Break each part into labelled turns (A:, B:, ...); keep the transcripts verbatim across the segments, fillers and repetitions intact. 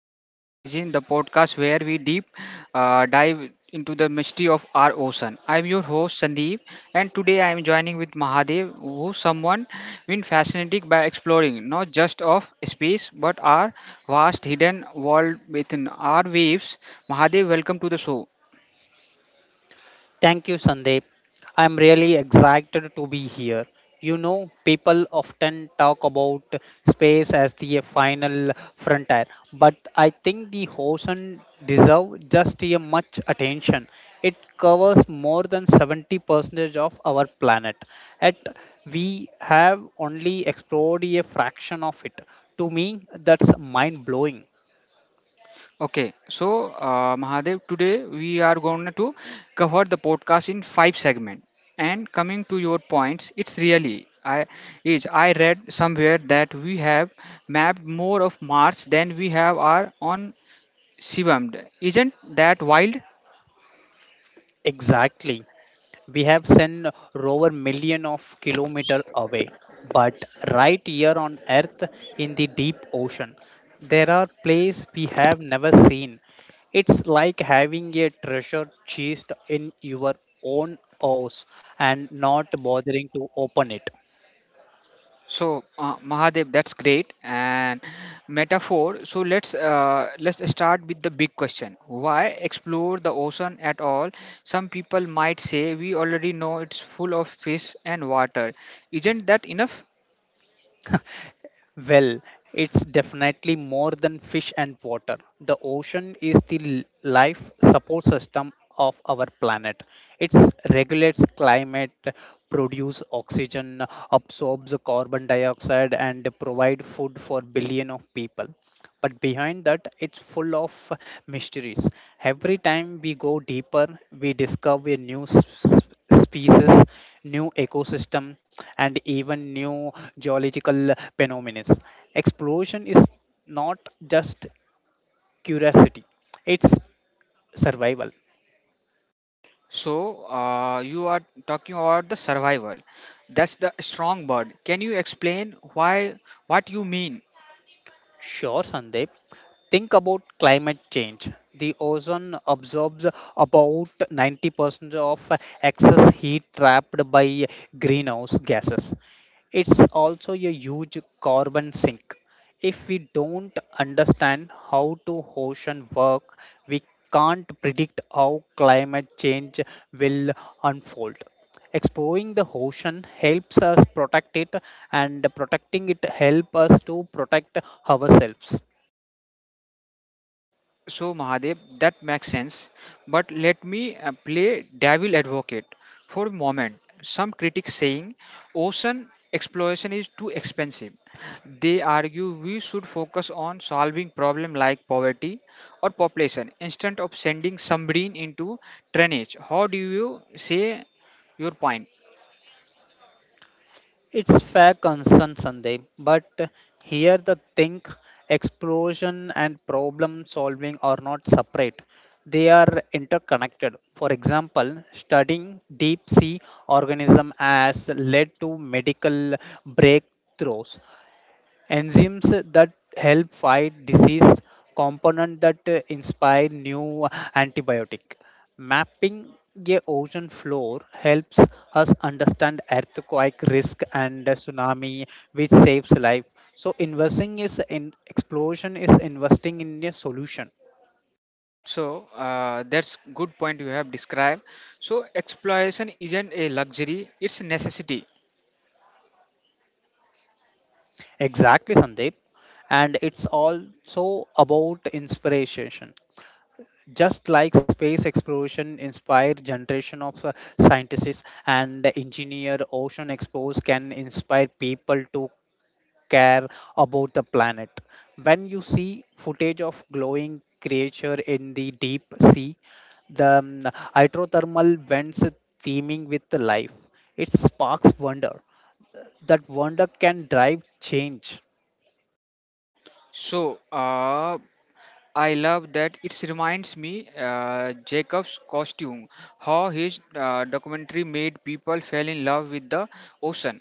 A: the Blue Origin, the podcast where we deep uh, dive into the mystery of our ocean. I'm your host Sandeep, and today I am joining with Mahadev, who someone been fascinated by exploring not just of space but our vast hidden world within our waves. Mahadev, welcome to the show.
B: Thank you, Sandeep. I'm really excited to be here. You know, people often talk about space as the final frontier, but I think the ocean deserves just a much attention. It covers more than seventy percent of our planet, and we have only explored a fraction of it. To me, that's mind blowing.
A: Okay, so uh, Mahadev, today we are going to cover the podcast in five segments. And coming to your points, it's really I is I read somewhere that we have mapped more of Mars than we have our on Shivam. Isn't that wild?
B: Exactly. We have sent rover million of kilometer away, but right here on earth, in the deep ocean, there are places we have never seen. It's like having a treasure chest in your own house and not bothering to open it.
A: So uh, Mahadev, that's great and metaphor. So let's uh, let's start with the big question. Why explore the ocean at all? Some people might say we already know it's full of fish and water. Isn't that enough?
B: Well, it's definitely more than fish and water. The ocean is the l- life support system of our planet. It regulates climate, produces oxygen, absorbs carbon dioxide, and provide food for billion of people. But behind that, it's full of mysteries. Every time we go deeper, we discover a new s- species, new ecosystem, and even new geological phenomena. Exploration is not just curiosity, it's survival.
A: So uh, you are talking about the survival. That's the strong word. Can you explain why what you mean?
B: Sure, Sandeep. Think about climate change. The ozone absorbs about ninety percent of excess heat trapped by greenhouse gases. It's also a huge carbon sink. If we don't understand how to ocean work, we can't predict how climate change will unfold. Exploring the ocean helps us protect it, and protecting it helps us to protect ourselves.
A: So, Mahadev, that makes sense. But let me uh, play devil advocate for a moment. Some critics saying ocean exploration is too expensive. They argue we should focus on solving problems like poverty or population instead of sending submarine into trench. How do you say your point?
B: It's fair concern, Sunday, but here the thing, explosion and problem solving are not separate. They are interconnected. For example, studying deep sea organism has led to medical breakthroughs, enzymes that help fight disease, component that uh, inspire new antibiotic, mapping a ocean floor helps us understand earthquake risk and tsunami, which saves life. So investing is in explosion is investing in a solution.
A: So uh, that's good point you have described. So exploration isn't a luxury; it's a necessity.
B: Exactly, Sandeep. And it's also about inspiration. Just like space exploration inspired generation of uh, scientists and engineer, ocean explorers can inspire people to care about the planet. When you see footage of glowing creature in the deep sea, the um, hydrothermal vents teeming with life, it sparks wonder. That wonder can drive change.
A: So, uh, I love that it reminds me uh, Jacob's costume, how his uh, documentary made people fell in love with the ocean.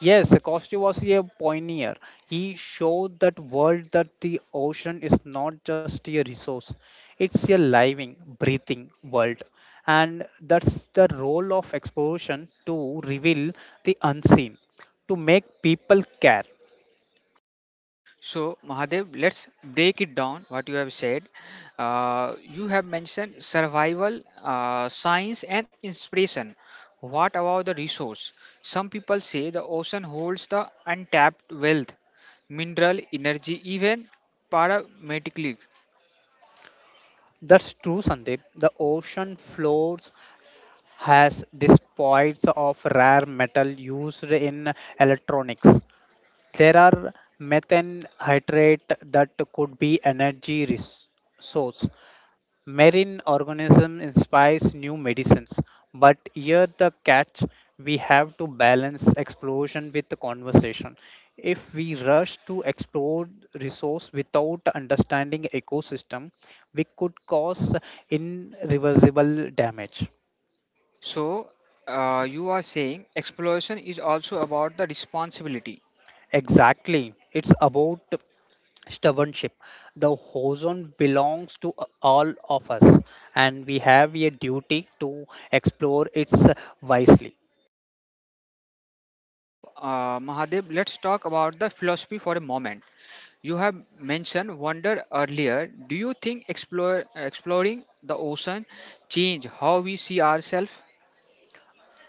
B: Yes, Costa was a pioneer. He showed that world that the ocean is not just a resource; it's a living, breathing world, and that's the role of exploration, to reveal the unseen, to make people care.
A: So Mahadev, let's break it down. What you have said, uh, you have mentioned survival, uh, science, and inspiration. What about the resource? Some people say the ocean holds the untapped wealth, mineral, energy, even paramedically.
B: That's true, Sandeep. The ocean floors has these points of rare metal used in electronics. There are methanhydrate that could be energy res- source. Marine organisms inspires new medicines, but here the catch: we have to balance explosion with the conversation. If we rush to explore resource without understanding ecosystem, we could cause irreversible damage.
A: So, uh, you are saying exploration is also about the responsibility.
B: Exactly. It's about stubbornship. The horizon belongs to all of us, and we have a duty to explore it wisely.
A: So, uh, Mahadev, let's talk about the philosophy for a moment. You have mentioned wonder earlier. Do you think explore, exploring the ocean change how we see ourselves?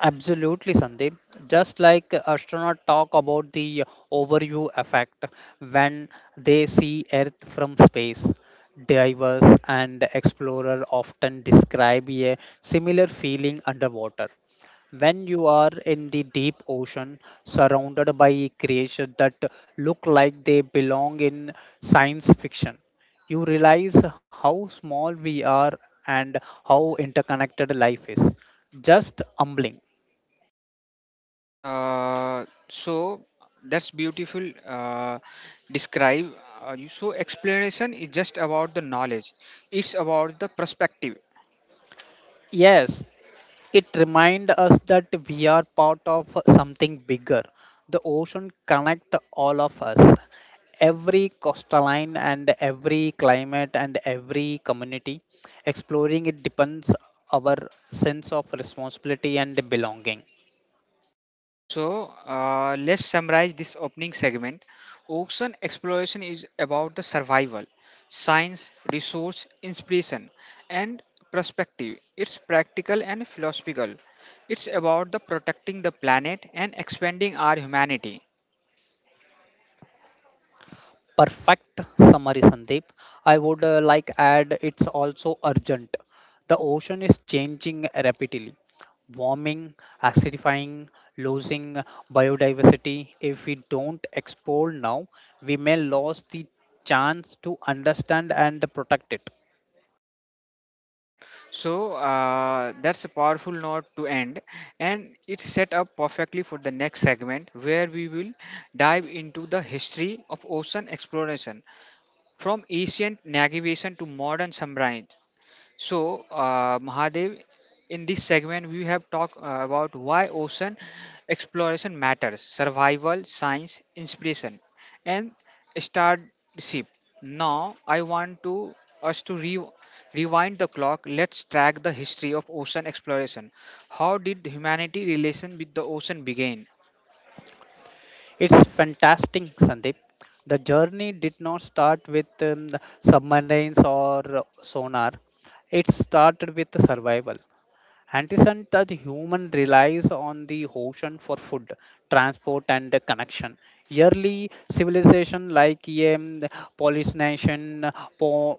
B: Absolutely, Sandeep. Just like astronauts talk about the overview effect when they see Earth from space, divers and explorers often describe a similar feeling underwater. When you are in the deep ocean, surrounded by creatures that look like they belong in science fiction, you realize how small we are and how interconnected life is. Just humbling.
A: Uh, so that's beautiful. Uh, describe. Uh, you- so exploration is just about the knowledge. It's about the perspective.
B: Yes, it reminds us that we are part of something bigger. The ocean connect all of us. Every coastline and every climate and every community. Exploring it depends our sense of responsibility and belonging.
A: So uh, let's summarize this opening segment. Ocean exploration is about the survival, science, resource, inspiration, and perspective. It's practical and philosophical. It's about the protecting the planet and expanding our humanity.
B: Perfect summary, Sandeep. I would uh, like add, it's also urgent. The ocean is changing rapidly, warming, acidifying, losing biodiversity. If we don't explore now, we may lose the chance to understand and protect it.
A: So uh, that's a powerful note to end, and it's set up perfectly for the next segment where we will dive into the history of ocean exploration from ancient navigation to modern samurai. So, uh, Mahadev, in this segment, we have talked uh, about why ocean exploration matters, survival, science, inspiration, and starship. Now, I want to us to re- rewind the clock. Let's track the history of ocean exploration. How did humanity relation with the ocean begin?
B: It's fantastic, Sandeep. The journey did not start with um, submarines or sonar. It started with survival. Anderson that human relies on the ocean for food, transport, and connection. Early civilization like um, Polynesian, Po-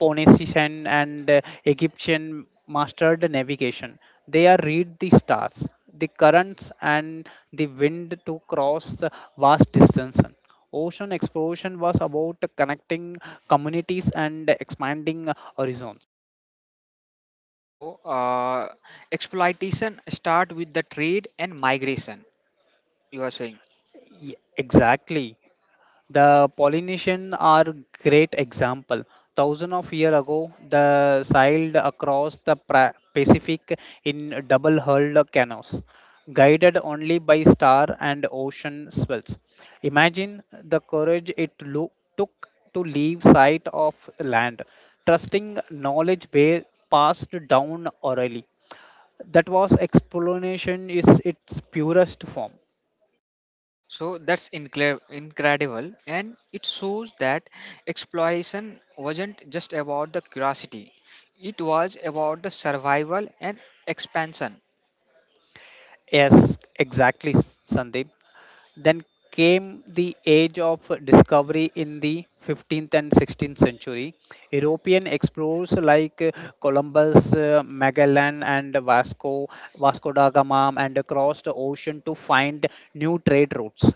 B: Phoenician, and uh, Egyptian mastered navigation. They are read the stars, the currents, and the wind to cross vast distances. Ocean exploration was about connecting communities and expanding horizons.
A: So, uh, exploitation start with the trade and migration. You are saying.
B: Ye- Exactly. The Polynesian are great example. Thousands of year ago, they sailed across the pra- Pacific in double-hulled canoes, guided only by star and ocean swells. Imagine the courage it lo- took to leave sight of land, trusting knowledge ba- passed down orally. That was explanation is its purest form.
A: So that's incre- incredible, and it shows that exploration wasn't just about the curiosity; it was about the survival and expansion.
B: Yes, exactly, Sandeep. Then came the age of discovery in the fifteenth and sixteenth century. European explorers like uh, Columbus, uh, Magellan, and Vasco, Vasco da Gama, and crossed the ocean to find new trade routes.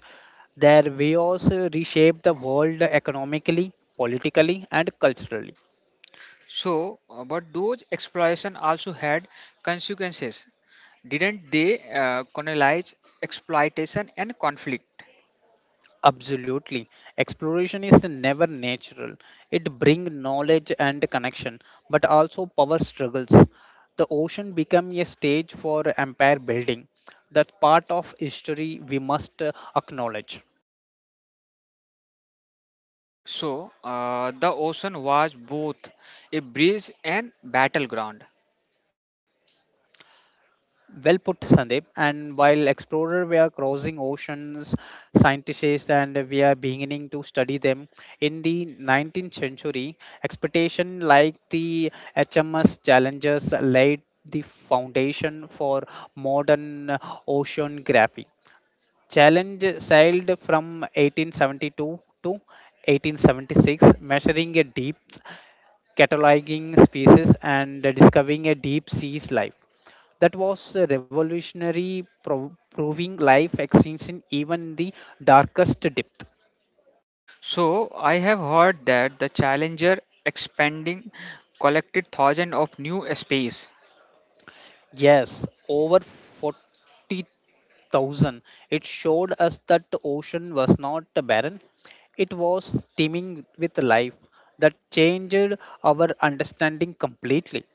B: Their ways uh, reshaped the world economically, politically, and culturally.
A: So, uh, but those exploration also had consequences, didn't they? Uh, colonize exploitation and conflict.
B: Absolutely. Exploration is never natural. It brings knowledge and connection, but also power struggles. The ocean become a stage for empire building. That part of history we must uh, acknowledge.
A: So, uh, the ocean was both a bridge and battleground.
B: Well put, Sandeep. And while explorer were crossing oceans, scientists, and we are beginning to study them. In the nineteenth century, expedition like the H M S Challengers laid the foundation for modern oceanography. Challenge sailed from eighteen seventy-two to eighteen seventy-six, measuring a depth, cataloging species, and discovering a deep sea's life. That was a revolutionary, pro- proving life exists in even the darkest depth.
A: So I have heard that the Challenger expanding collected thousands of new space.
B: Yes, over forty thousand. It showed us that the ocean was not barren, it was teeming with life that changed our understanding completely.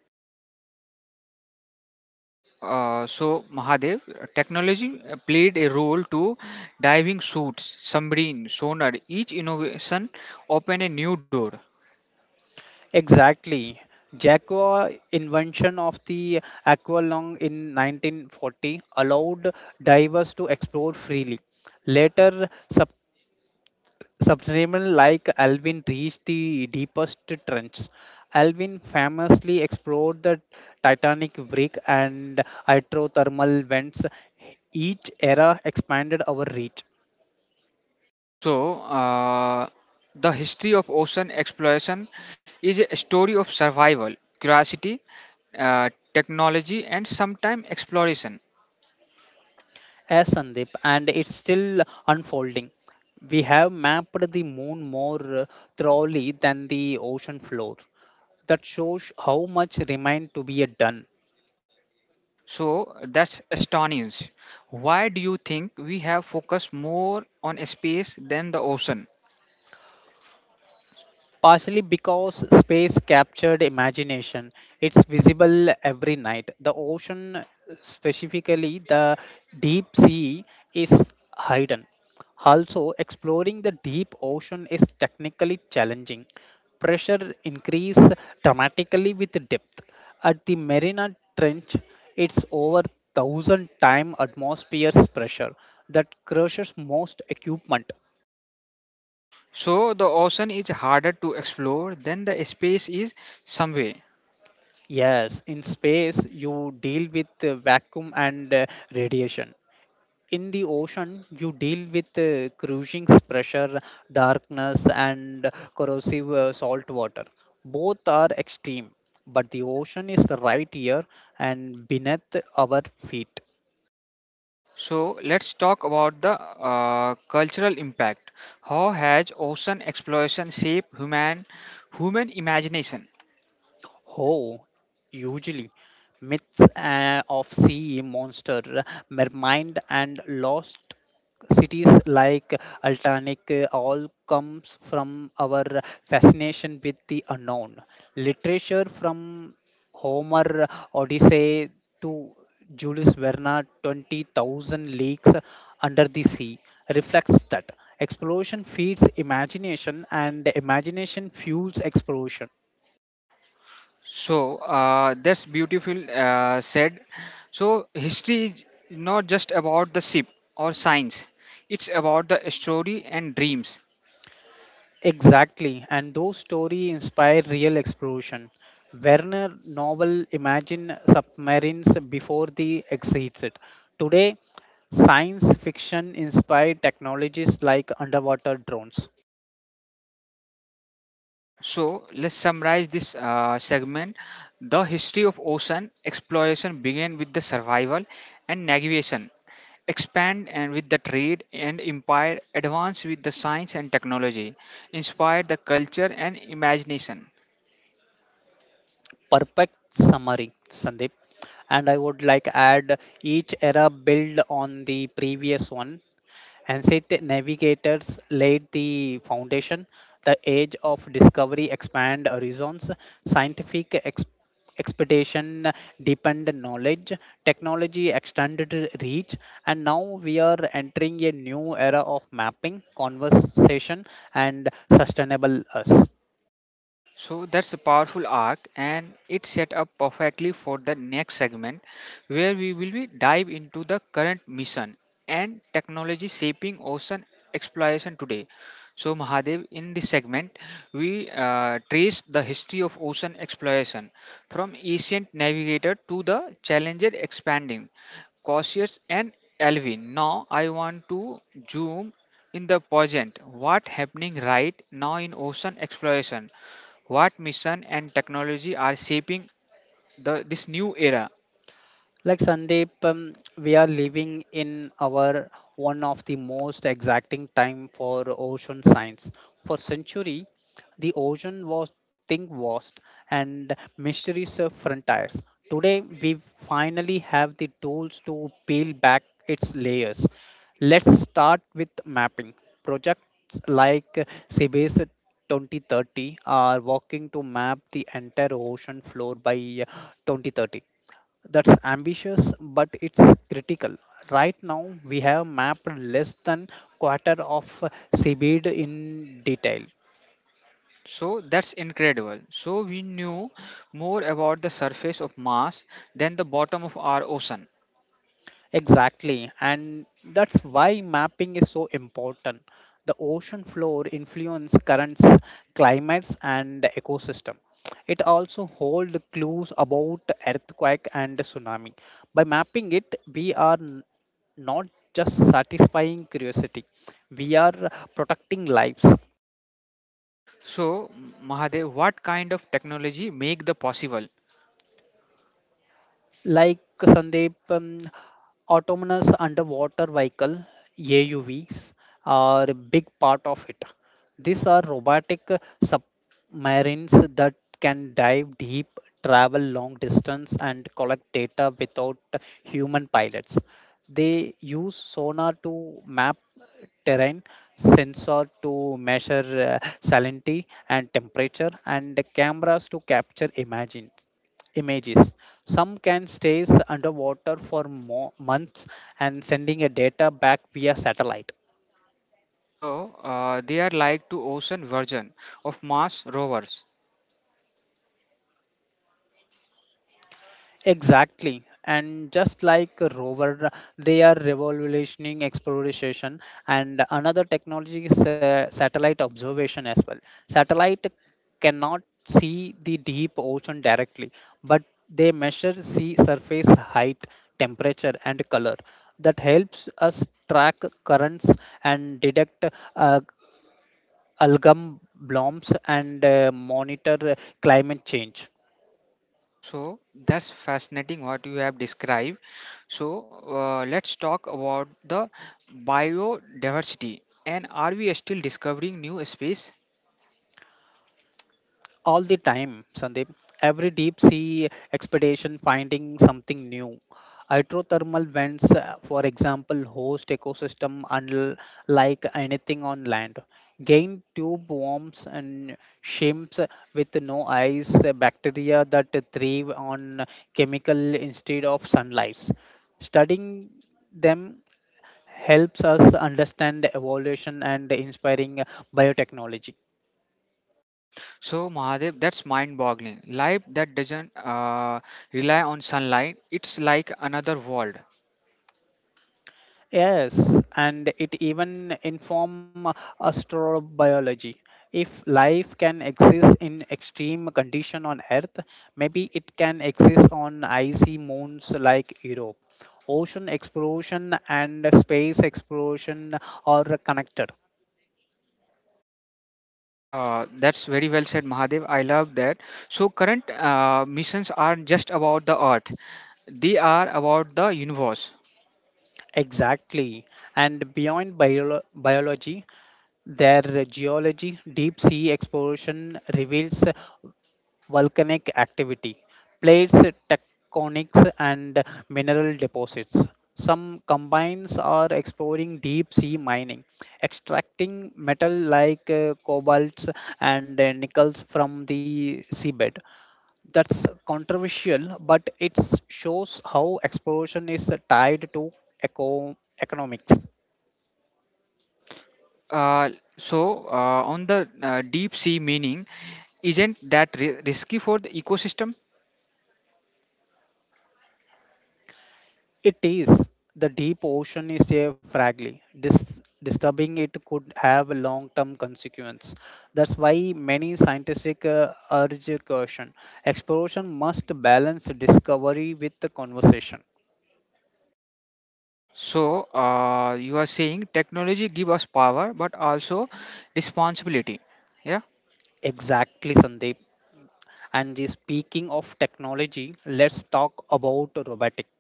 A: Uh, so Mahadev, technology uh, played a role to diving suits, submarine, sonar. Each innovation opened a new door.
B: Exactly. Jaguar invention of the aqualung in nineteen forty allowed divers to explore freely. Later, Subterranean like Alvin reached the deepest trench. Alvin famously explored the Titanic brick and hydrothermal vents. Each era expanded our reach.
A: So uh, the history of ocean exploration is a story of survival, curiosity, uh, technology, and sometimes exploration.
B: As Sandeep, and it's still unfolding. We have mapped the moon more uh, thoroughly than the ocean floor. That shows how much remained to be uh, done.
A: So that's astonishing. Why do you think we have focused more on space than the ocean?
B: Partially because space captured imagination. It's visible every night. The ocean, specifically the deep sea, is hidden. Also, exploring the deep ocean is technically challenging. Pressure increase dramatically with depth. At the Marina Trench, it's over thousand time atmosphere's pressure that crushes most equipment.
A: So the ocean is harder to explore than the space is some way.
B: Yes, in space, you deal with uh, vacuum and uh, radiation. In the ocean, you deal with uh, cruising pressure, darkness, and corrosive uh, salt water. Both are extreme, but the ocean is right here and beneath our feet.
A: So let's talk about the uh, cultural impact. How has ocean exploration shaped human human imagination?
B: Oh, usually myths uh, of sea monster, mermaid, and lost cities like Altanic uh, all comes from our fascination with the unknown. Literature from Homer, Odyssey, to Julius Verne, twenty thousand Leagues Under the Sea, reflects that. Exploration feeds imagination, and imagination fuels exploration.
A: So uh, that's beautiful uh, said. So history is not just about the ship or science; it's about the story and dreams.
B: Exactly, and those stories inspire real exploration. Werner novel imagine submarines before they exist. It. Today, science fiction inspired technologies like underwater drones.
A: So let's summarize this uh, segment. The history of ocean exploration began with the survival and navigation, expand and with the trade and empire, advance with the science and technology, inspired the culture and imagination.
B: Perfect summary, Sandeep. And I would like add, each era build on the previous one. Ancient navigators laid the foundation. The age of discovery expand horizons. Scientific ex- expedition deepened knowledge. Technology extended reach. And now we are entering a new era of mapping, conversation, and sustainable us.
A: So that's a powerful arc, and it set up perfectly for the next segment, where we will be dive into the current mission and technology shaping ocean exploration today. So Mahadev, in this segment, we uh, trace the history of ocean exploration from ancient navigator to the Challenger expanding, Cautious and Alvin. Now I want to zoom in the present. What happening right now in ocean exploration? What mission and technology are shaping the this new era?
B: Like Sandeep, um, we are living in our one of the most exacting time for ocean science. For century, the ocean was think vast and mysteries of frontiers. Today, we finally have the tools to peel back its layers. Let's start with mapping. Projects like C B S two thousand thirty are working to map the entire ocean floor by twenty thirty. That's ambitious, but it's critical. Right now we have mapped less than quarter of seabed in detail.
A: So that's incredible. So we knew more about the surface of Mars than the bottom of our ocean.
B: Exactly, and that's why mapping is so important. The ocean floor influence currents, climates, and ecosystem. It also holds clues about earthquake and tsunami. By mapping it, we are n- not just satisfying curiosity, we are protecting lives.
A: So Mahadev, what kind of technology make the possible?
B: Like Sandeep, um, autonomous underwater vehicle, A U Vs, are a big part of it. These are robotic submarines that can dive deep, travel long distance, and collect data without human pilots. They use sonar to map terrain, sensor to measure uh, salinity and temperature, and cameras to capture images images. Some can stay underwater for mo- months and sending a data back via satellite.
A: So uh, they are like to ocean version of Mars rovers.
B: Exactly. And just like a rover, they are revolutionizing exploration. And another technology is uh, satellite observation as well. Satellite cannot see the deep ocean directly, but they measure sea surface height, temperature, and color. That helps us track currents and detect uh, algam blooms and uh, monitor uh, climate change.
A: So that's fascinating what you have described. So uh, let's talk about the biodiversity, and are we still discovering new space?
B: All the time, Sandeep. Every deep sea expedition finding something new. Hydrothermal vents, uh, for example, host ecosystem unlike anything on land. Gain tube worms and shrimps with no eyes, uh, bacteria that thrive on chemical instead of sunlight. Studying them helps us understand evolution and inspiring biotechnology.
A: So Mahadev, that's mind-boggling. Life that doesn't uh, rely on sunlight, it's like another world.
B: Yes, and it even inform astrobiology. If life can exist in extreme condition on Earth, maybe it can exist on icy moons like Europe. Ocean exploration and space exploration are connected.
A: Uh, that's very well said, Mahadev. I love that. So current uh, missions aren't just about the Earth; they are about the universe.
B: Exactly. And beyond biolo- biology, their geology, deep sea exploration reveals volcanic activity, plates, tectonics, and mineral deposits. Some combines are exploring deep sea mining, extracting metal like uh, cobalts and uh, nickels from the seabed. That's controversial, but it shows how exploration is tied to eco- economics.
A: Uh, so uh, on the uh, deep sea meaning, isn't that ri- risky for the ecosystem?
B: It is. The deep ocean is a fragile. Dis- Disturbing it could have long-term consequence. That's why many scientific uh, urge caution. Exploration must balance discovery with the conversation.
A: So uh, you are saying technology give us power, but also responsibility. Yeah?
B: Exactly, Sandeep. And the speaking of technology, let's talk about robotics.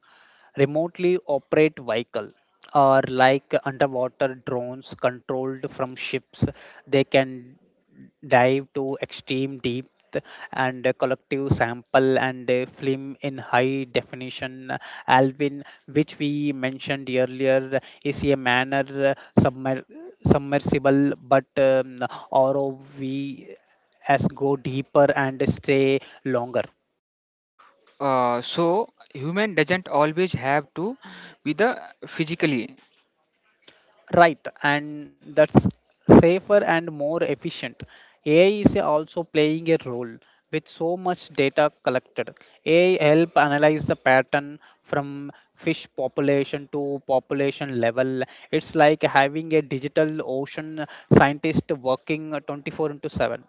B: Remotely operate vehicle or like underwater drones controlled from ships, they can dive to extreme depth and a collective sample and a film in high definition. Alvin, which we mentioned earlier, is a manner uh, submer- submersible, but um, ROV as go deeper and stay longer.
A: Uh, so human doesn't always have to be the physically.
B: Right, and that's safer and more efficient. A I is also playing a role with so much data collected. A I help analyze the pattern from fish population to population level. It's like having a digital ocean scientist working twenty-four into seven.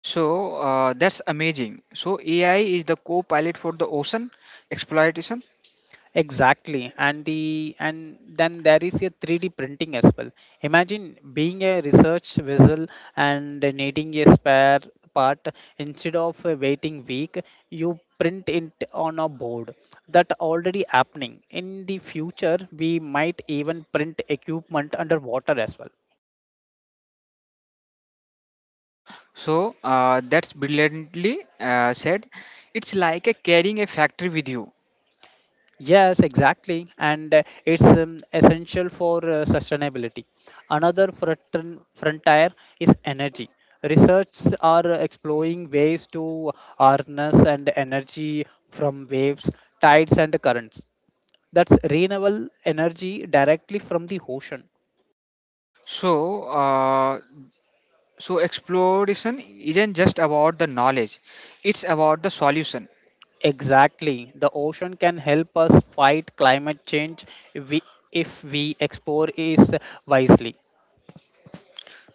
A: So uh, that's amazing. So A I is the co-pilot for the ocean exploitation.
B: Exactly, and the and then there is a three D printing as well. Imagine being a research vessel and needing a spare part instead of uh, waiting week, you print it on a board. That already happening. In the future, we might even print equipment underwater as well.
A: So uh, that's brilliantly uh, said. It's like a carrying a factory with you.
B: Yes, exactly, and uh, it's um, essential for uh, sustainability. Another frontin- frontier is energy. Research are exploring ways to harness and energy from waves, tides, and currents. That's renewable energy directly from the ocean.
A: So uh, so exploration isn't just about the knowledge; it's about the solution.
B: Exactly, the ocean can help us fight climate change if we, if we explore it wisely.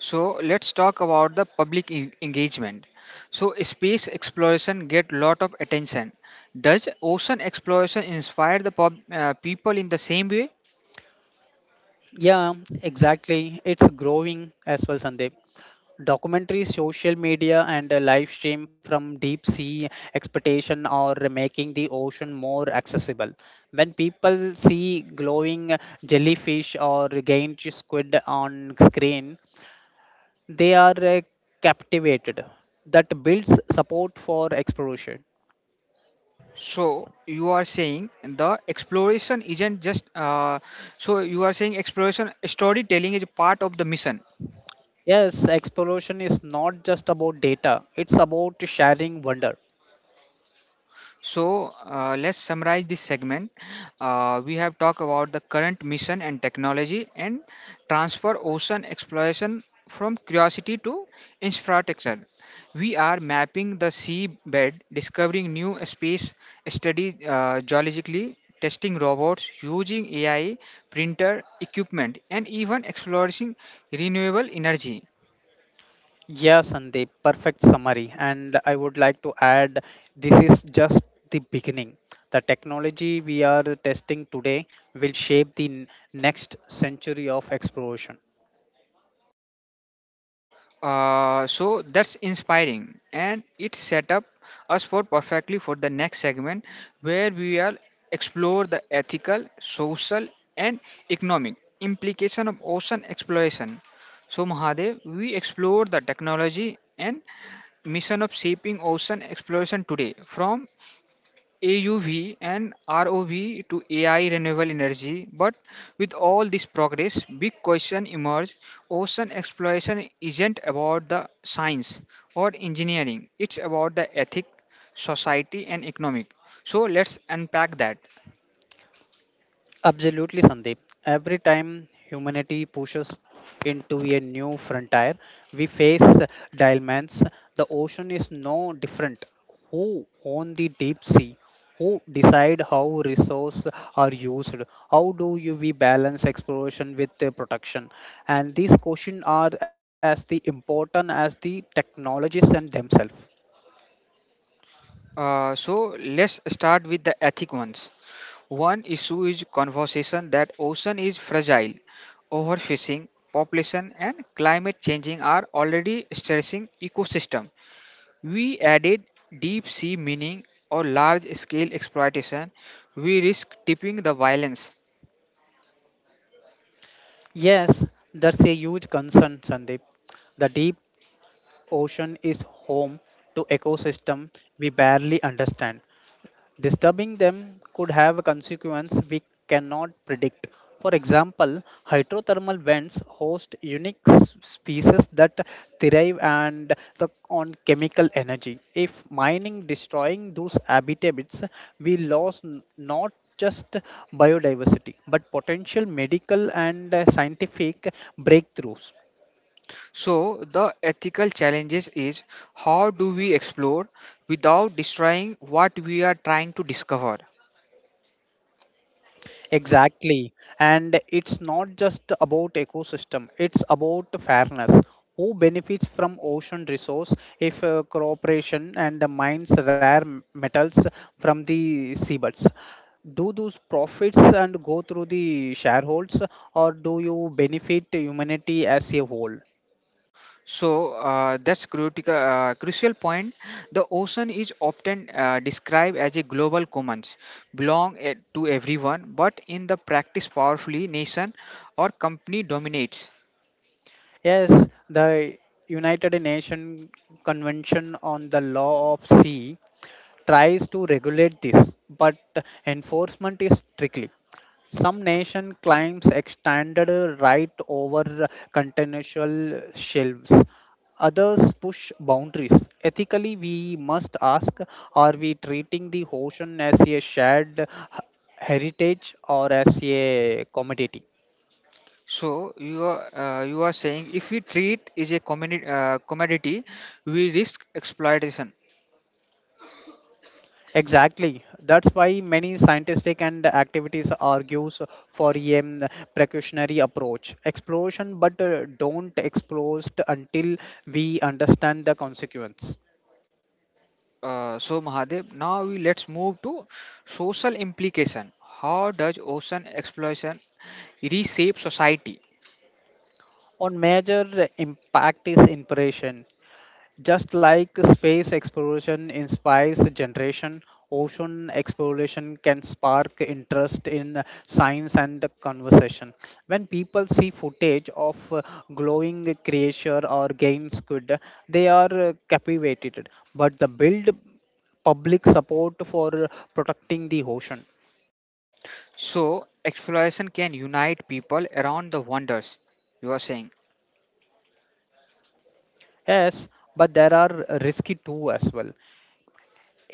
A: So let's talk about the public en- engagement. So space exploration get lot of attention. Does ocean exploration inspire the pub, uh, people in the same way?
B: Yeah, exactly. It's growing as well, Sandeep. Documentaries, social media, and a live stream from deep sea expedition are making the ocean more accessible. When people see glowing jellyfish or giant squid on screen, they are uh, captivated. That builds support for exploration.
A: So you are saying the exploration isn't just. Uh, so you are saying exploration storytelling is part of the mission.
B: Yes, exploration is not just about data, it's about sharing wonder.
A: So uh, let's summarize this segment. Uh, we have talked about the current mission and technology and transfer ocean exploration from curiosity to inspiration. We are mapping the seabed, discovering new space studies uh, geologically, testing robots, using A I, printer, equipment, and even exploring renewable energy.
B: Yeah, Sandeep, perfect summary. And I would like to add this is just the beginning. The technology we are testing today will shape the n- next century of exploration.
A: Uh, so that's inspiring, and it set up us for perfectly for the next segment where we will explore the ethical, social, and economic implication of ocean exploration. So Mahadev, we explore the technology and mission of shaping ocean exploration today from A U V and R O V to A I renewable energy. But with all this progress, big question emerge. Ocean exploration isn't about the science or engineering. It's about the ethic, society and economic. So let's unpack that.
B: Absolutely, Sandeep. Every time humanity pushes into a new frontier, we face dilemmas. The ocean is no different. Who own the deep sea? Who decide how resources are used? How do you we balance exploration with the protection? And these questions are as the important as the technologies and themselves.
A: Uh, so let's start with the ethic ones. One issue is conversation that ocean is fragile. Overfishing, population and climate changing are already stressing ecosystem. We added deep sea mining or large scale exploitation, we risk tipping the violence.
B: Yes, that's a huge concern, Sandeep. The deep ocean is home to ecosystems we barely understand. Disturbing them could have consequences we cannot predict. For example, hydrothermal vents host unique s- species that thrive and the, on chemical energy. If mining destroying those habitats, we lose n- not just biodiversity but potential medical and uh, scientific breakthroughs.
A: So, the ethical challenges is how do we explore without destroying what we are trying to discover?
B: Exactly. And it's not just about ecosystem, it's about fairness. Who benefits from ocean resource if uh, cooperation and the mines rare m- metals from the seabeds? Do those profits and go through the shareholders or do you benefit humanity as a whole?
A: So, uh, that's critical, uh, crucial point. The ocean is often uh, described as a global commons, belong eh, to everyone, but in the practice, powerfully nation or company dominates.
B: Yes, the United Nations Convention on the Law of Sea tries to regulate this, but enforcement is tricky. Some nation claims extended right over continental shelves. Others push boundaries. Ethically, we must ask, are we treating the ocean as a shared h- heritage or as a commodity?
A: So you are uh, you are saying if we treat is a commodity, uh, commodity we risk exploitation.
B: Exactly. That's why many scientific and activities argues for a um, precautionary approach. Exploration, but uh, don't explore until we understand the consequence.
A: Uh, so Mahadev, now we let's move to social implication. How does ocean exploitation reshape society?
B: On major impact is inspiration. Just like space exploration inspires generation, ocean exploration can spark interest in science and conversation. When people see footage of uh, glowing creature or game squid, they are uh, captivated. But the build public support for protecting the ocean.
A: So exploitation can unite people around the wonders. You are saying.
B: Yes, but there are risky too as well.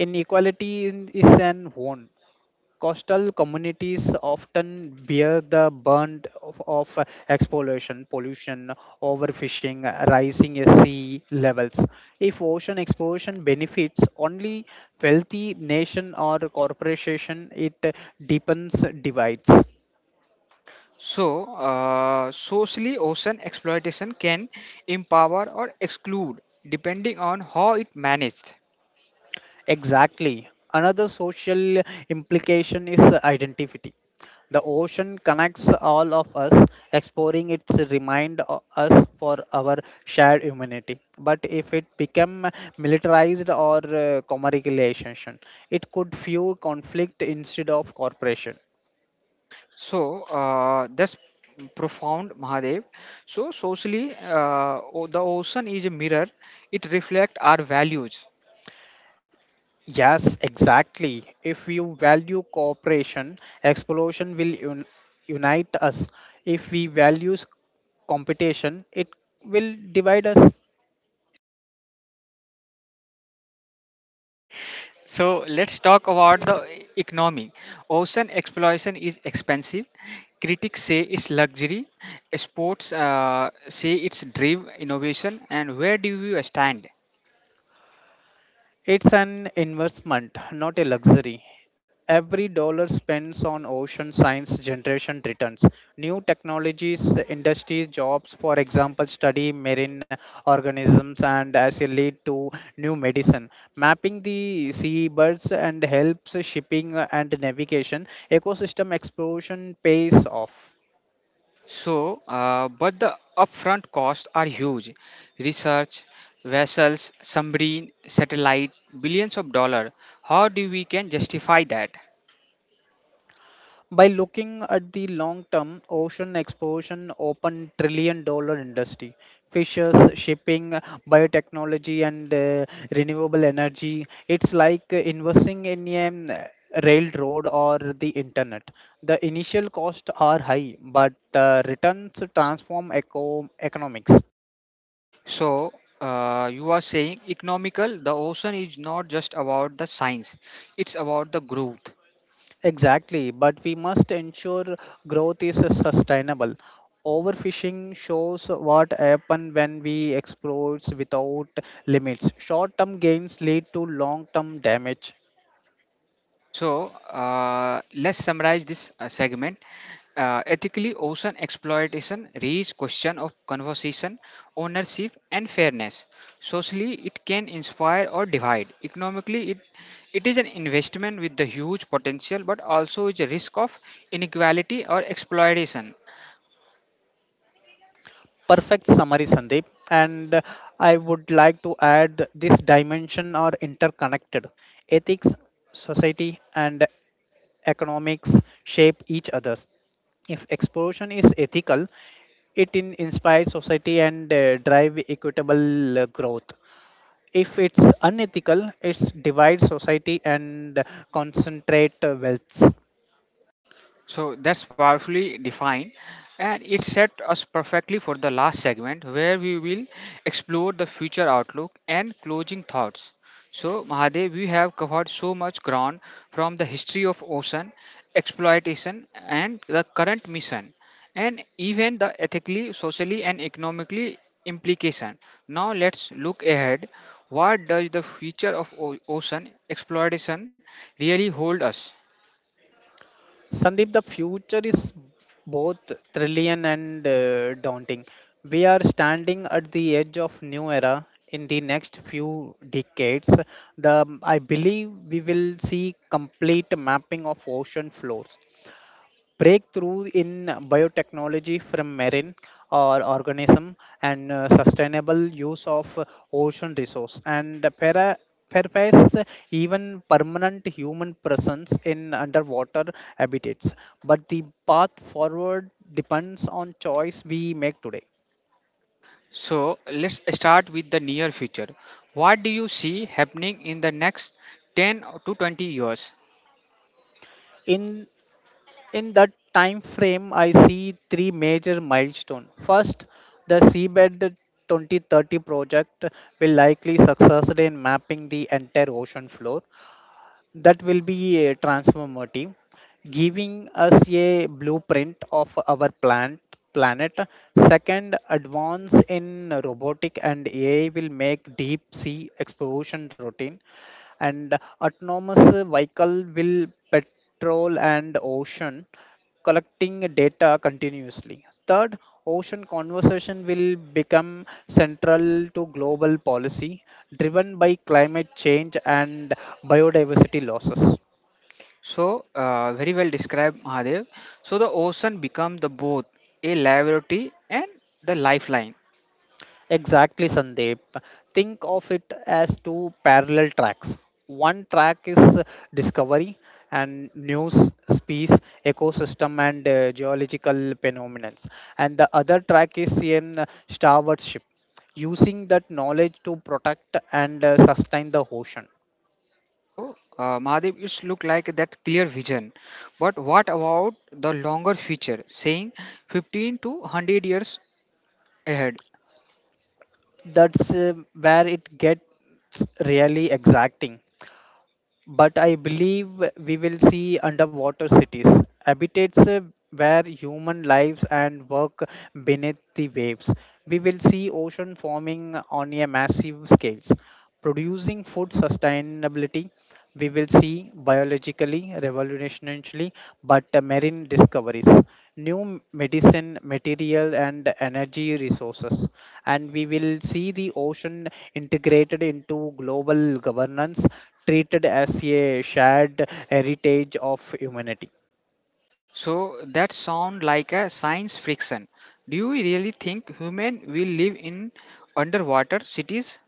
B: Inequality in- is an one. Coastal communities often bear the burden of, of exploration, pollution, overfishing, rising sea levels. If ocean exploration benefits only wealthy nation or corporation, it deepens divides.
A: So uh, socially, ocean exploitation can empower or exclude depending on how it managed.
B: Exactly. Another social implication is identity. The ocean connects all of us, exploring it reminds us for our shared humanity. But if it become militarized or uh, commercialization, it could fuel conflict instead of cooperation.
A: So uh, that's profound, Mahadev. So socially, uh, o- the ocean is a mirror. It reflects our values.
B: Yes, exactly. If we value cooperation, explosion will un- unite us. If we value competition, it will divide us.
A: So let's talk about the e- economy. Ocean exploration is expensive. Critics say it's luxury. Sports uh, say it's drive innovation. And where do you stand?
B: It's an investment, not a luxury. Every dollar spent on ocean science generation returns. New technologies, industries, jobs, for example, study marine organisms and as a lead to new medicine. Mapping the seabirds and helps shipping and navigation. Ecosystem exploration pays off.
A: So, uh, but the upfront costs are huge. Research, vessels, submarine, satellite, billions of dollars. How do we can justify that?
B: By looking at the long term, ocean exploration open trillion dollar industry. Fishes, shipping, biotechnology, and uh, renewable energy. It's like investing in a um, railroad or the internet. The initial costs are high, but the returns transform eco- economics.
A: So, uh, you are saying economical. The ocean is not just about the science; it's about the growth.
B: Exactly, but we must ensure growth is sustainable. Overfishing shows what happens when we exploit without limits. Short term gains lead to long term damage.
A: So uh, let's summarize this uh, segment. Uh, ethically ocean exploitation raises question of conservation, ownership, and fairness. Socially, it can inspire or divide. Economically, it it is an investment with the huge potential, but also is a risk of inequality or exploitation.
B: Perfect summary, Sandeep. And uh, I would like to add this dimension are interconnected. Ethics, society, and economics shape each other. If exploration is ethical, it in- inspires society and uh, drive equitable uh, growth. If it's unethical, it divides society and concentrate uh, wealth.
A: So that's powerfully defined, and it set us perfectly for the last segment where we will explore the future outlook and closing thoughts. So, Mahadev, we have covered so much ground from the history of ocean exploitation and the current mission, and even the ethically, socially, and economically implication. Now, let's look ahead. What does the future of o- ocean exploitation really hold us?
B: Sandeep, the future is both thrilling and uh, daunting. We are standing at the edge of new era in the next few decades. The I believe we will see complete mapping of ocean floors, breakthrough in biotechnology from marine or organism and uh, sustainable use of uh, ocean resource and para pervades, even permanent human presence in underwater habitats. But the path forward depends on choice we make today.
A: So let's start with the near future. What do you see happening in the next ten to twenty years?
B: in In that time frame, I see three major milestones. First, the Seabed twenty thirty project will likely succeed in mapping the entire ocean floor. That will be uh, transformative, giving us a blueprint of our plant, planet. Second, advance in robotic and A I will make deep sea exploration routine and autonomous vehicle will patrol and ocean collecting data continuously. Third, ocean conservation will become central to global policy driven by climate change and biodiversity losses.
A: So uh, very well described, Mahadev. So the ocean become the both a liability and the lifeline.
B: Exactly, Sandeep. Think of it as two parallel tracks. One track is uh, discovery and news, space, ecosystem, and uh, geological phenomena, and the other track is in uh, stewardship, using that knowledge to protect and uh, sustain the ocean.
A: So uh, Mahadev, it's look like that clear vision. But what about the longer future, saying fifteen to one hundred years ahead?
B: That's uh, where it gets really exacting. But I believe we will see underwater cities, habitats uh, where human lives and work beneath the waves. We will see ocean forming on a massive scale, producing food sustainability. We will see biologically, revolutionarily, but uh, marine discoveries, new medicine, material, and energy resources. And we will see the ocean integrated into global governance, treated as a shared heritage of humanity.
A: So that sound like a science fiction. Do you really think human will live in underwater cities?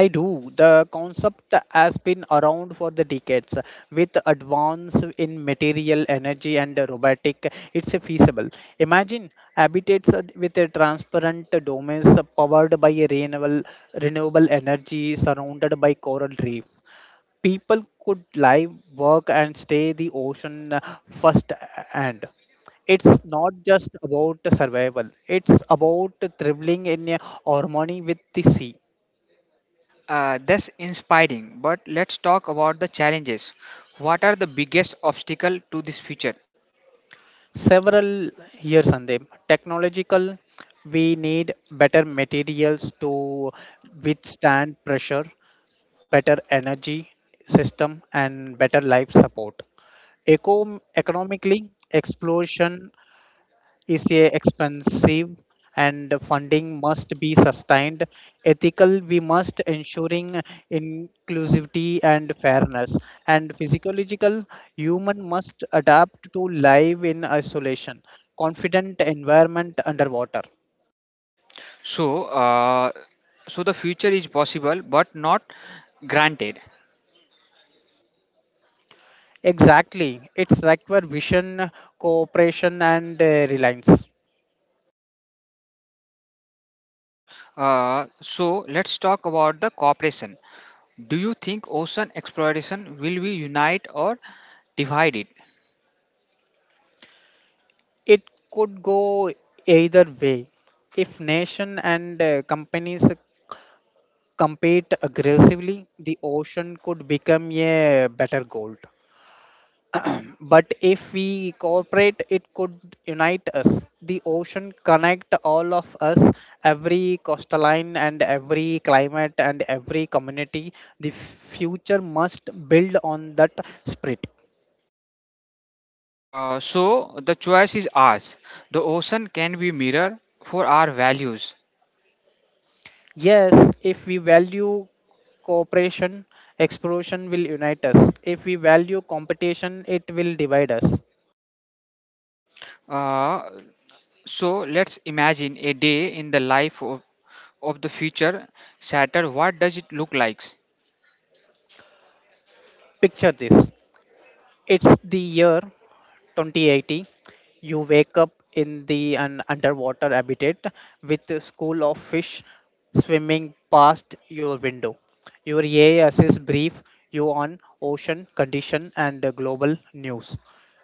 B: I do. The concept has been around for the decades. With advance in material energy and robotic, it's feasible. Imagine habitats with a transparent domes powered by a renewable renewable energy surrounded by coral reef. People could live, work, and stay the ocean uh, first. uh, And it's not just about survival; it's about traveling in a harmony with the sea.
A: Uh, that's inspiring. But let's talk about the challenges. What are the biggest obstacle to this future?
B: Several years, Sandeep, technological. We need better materials to withstand pressure, better energy system, and better life support. Eco- economically, explosion is a expensive and funding must be sustained. Ethical, we must ensuring inclusivity and fairness, and physiological, human must adapt to live in isolation confident environment underwater.
A: So, uh, so the future is possible, but not granted.
B: Exactly, it's require vision, cooperation, and uh, reliance.
A: Uh, so let's talk about the cooperation. Do you think ocean exploration will be unite or divided?
B: It could go either way. If nation and uh, companies compete aggressively, the ocean could become a better gold. But if we cooperate, it could unite us. The ocean connect all of us, every coastline and every climate and every community. The future must build on that spirit.
A: Uh, so the choice is ours. The ocean can be mirror for our values.
B: Yes, if we value cooperation, exploration will unite us. If we value competition, it will divide us.
A: Uh, so let's imagine a day in the life of, of the future Saturn. What does it look like?
B: Picture this. It's the year twenty eighty. You wake up in the an underwater habitat with a school of fish swimming past your window. Your E A S is brief you on ocean condition and uh, global news.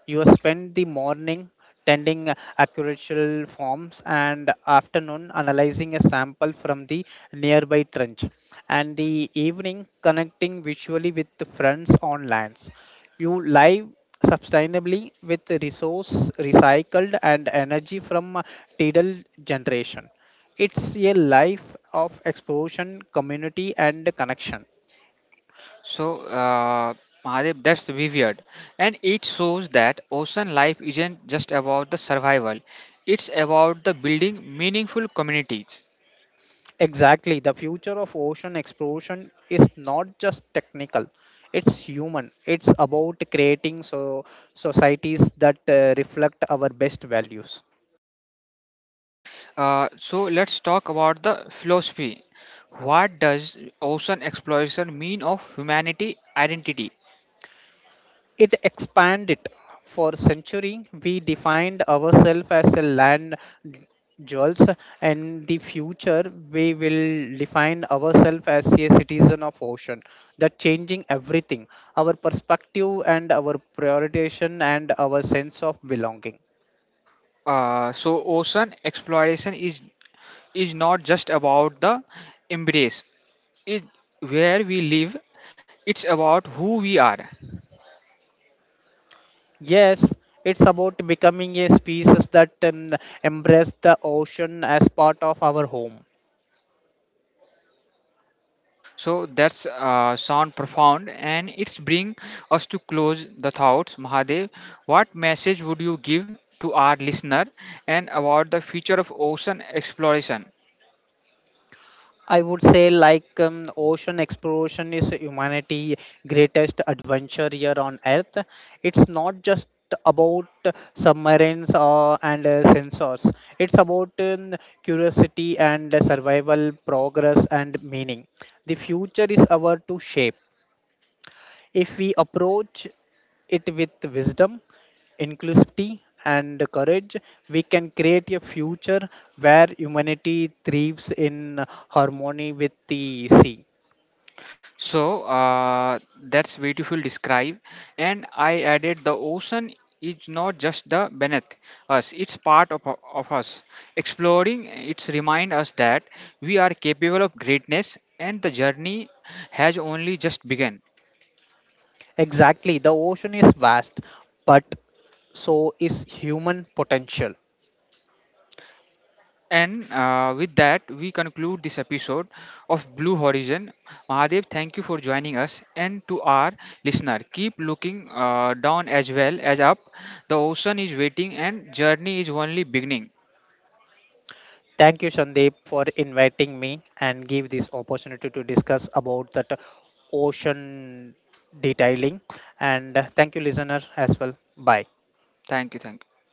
B: You spend the morning tending agricultural farms and afternoon analyzing a sample from the nearby trench and the evening connecting visually with the friends on lands. You live sustainably with resource recycled and energy from uh, tidal generation. It's a life of exploration, community, and connection.
A: So uh, Mahadev, that's weird, and it shows that ocean life isn't just about the survival. It's about the building meaningful communities.
B: Exactly, the future of ocean exploration is not just technical, it's human. It's about creating so societies that uh, reflect our best values.
A: Uh, so let's talk about the philosophy. What does ocean exploration mean of humanity identity?
B: It expanded. For century we defined ourselves as a land jewels, and the future we will define ourselves as a citizen of ocean. That changing everything, our perspective and our prioritization and our sense of belonging.
A: Uh, so ocean exploration is is not just about the embrace it where we live, it's about who we are.
B: Yes, it's about becoming a species that um, embrace the ocean as part of our home.
A: So that's uh, sound profound, and it's bring us to close the thoughts, Mahadev. What message would you give to our listener and about the future of ocean exploration?
B: I would say like um, ocean exploration is humanity' greatest adventure here on earth. It's not just about submarines uh, and uh, sensors. It's about um, curiosity and survival, progress and meaning. The future is our to shape. If we approach it with wisdom, inclusivity, and courage, we can create a future where humanity thrives in harmony with the sea.
A: So uh, that's beautiful describe. And I added the ocean is not just the beneath us; it's part of, of us. Exploring it's remind us that we are capable of greatness, and the journey has only just begun.
B: Exactly, the ocean is vast, but so is human potential.
A: And uh, with that, we conclude this episode of Blue Horizon. Mahadev, thank you for joining us. And to our listener, keep looking uh, down as well as up. The ocean is waiting, and journey is only beginning.
B: Thank you, Sandeep, for inviting me and give this opportunity to discuss about that ocean detailing. And uh, thank you, listener, as well. Bye.
A: Thank you. Thank you.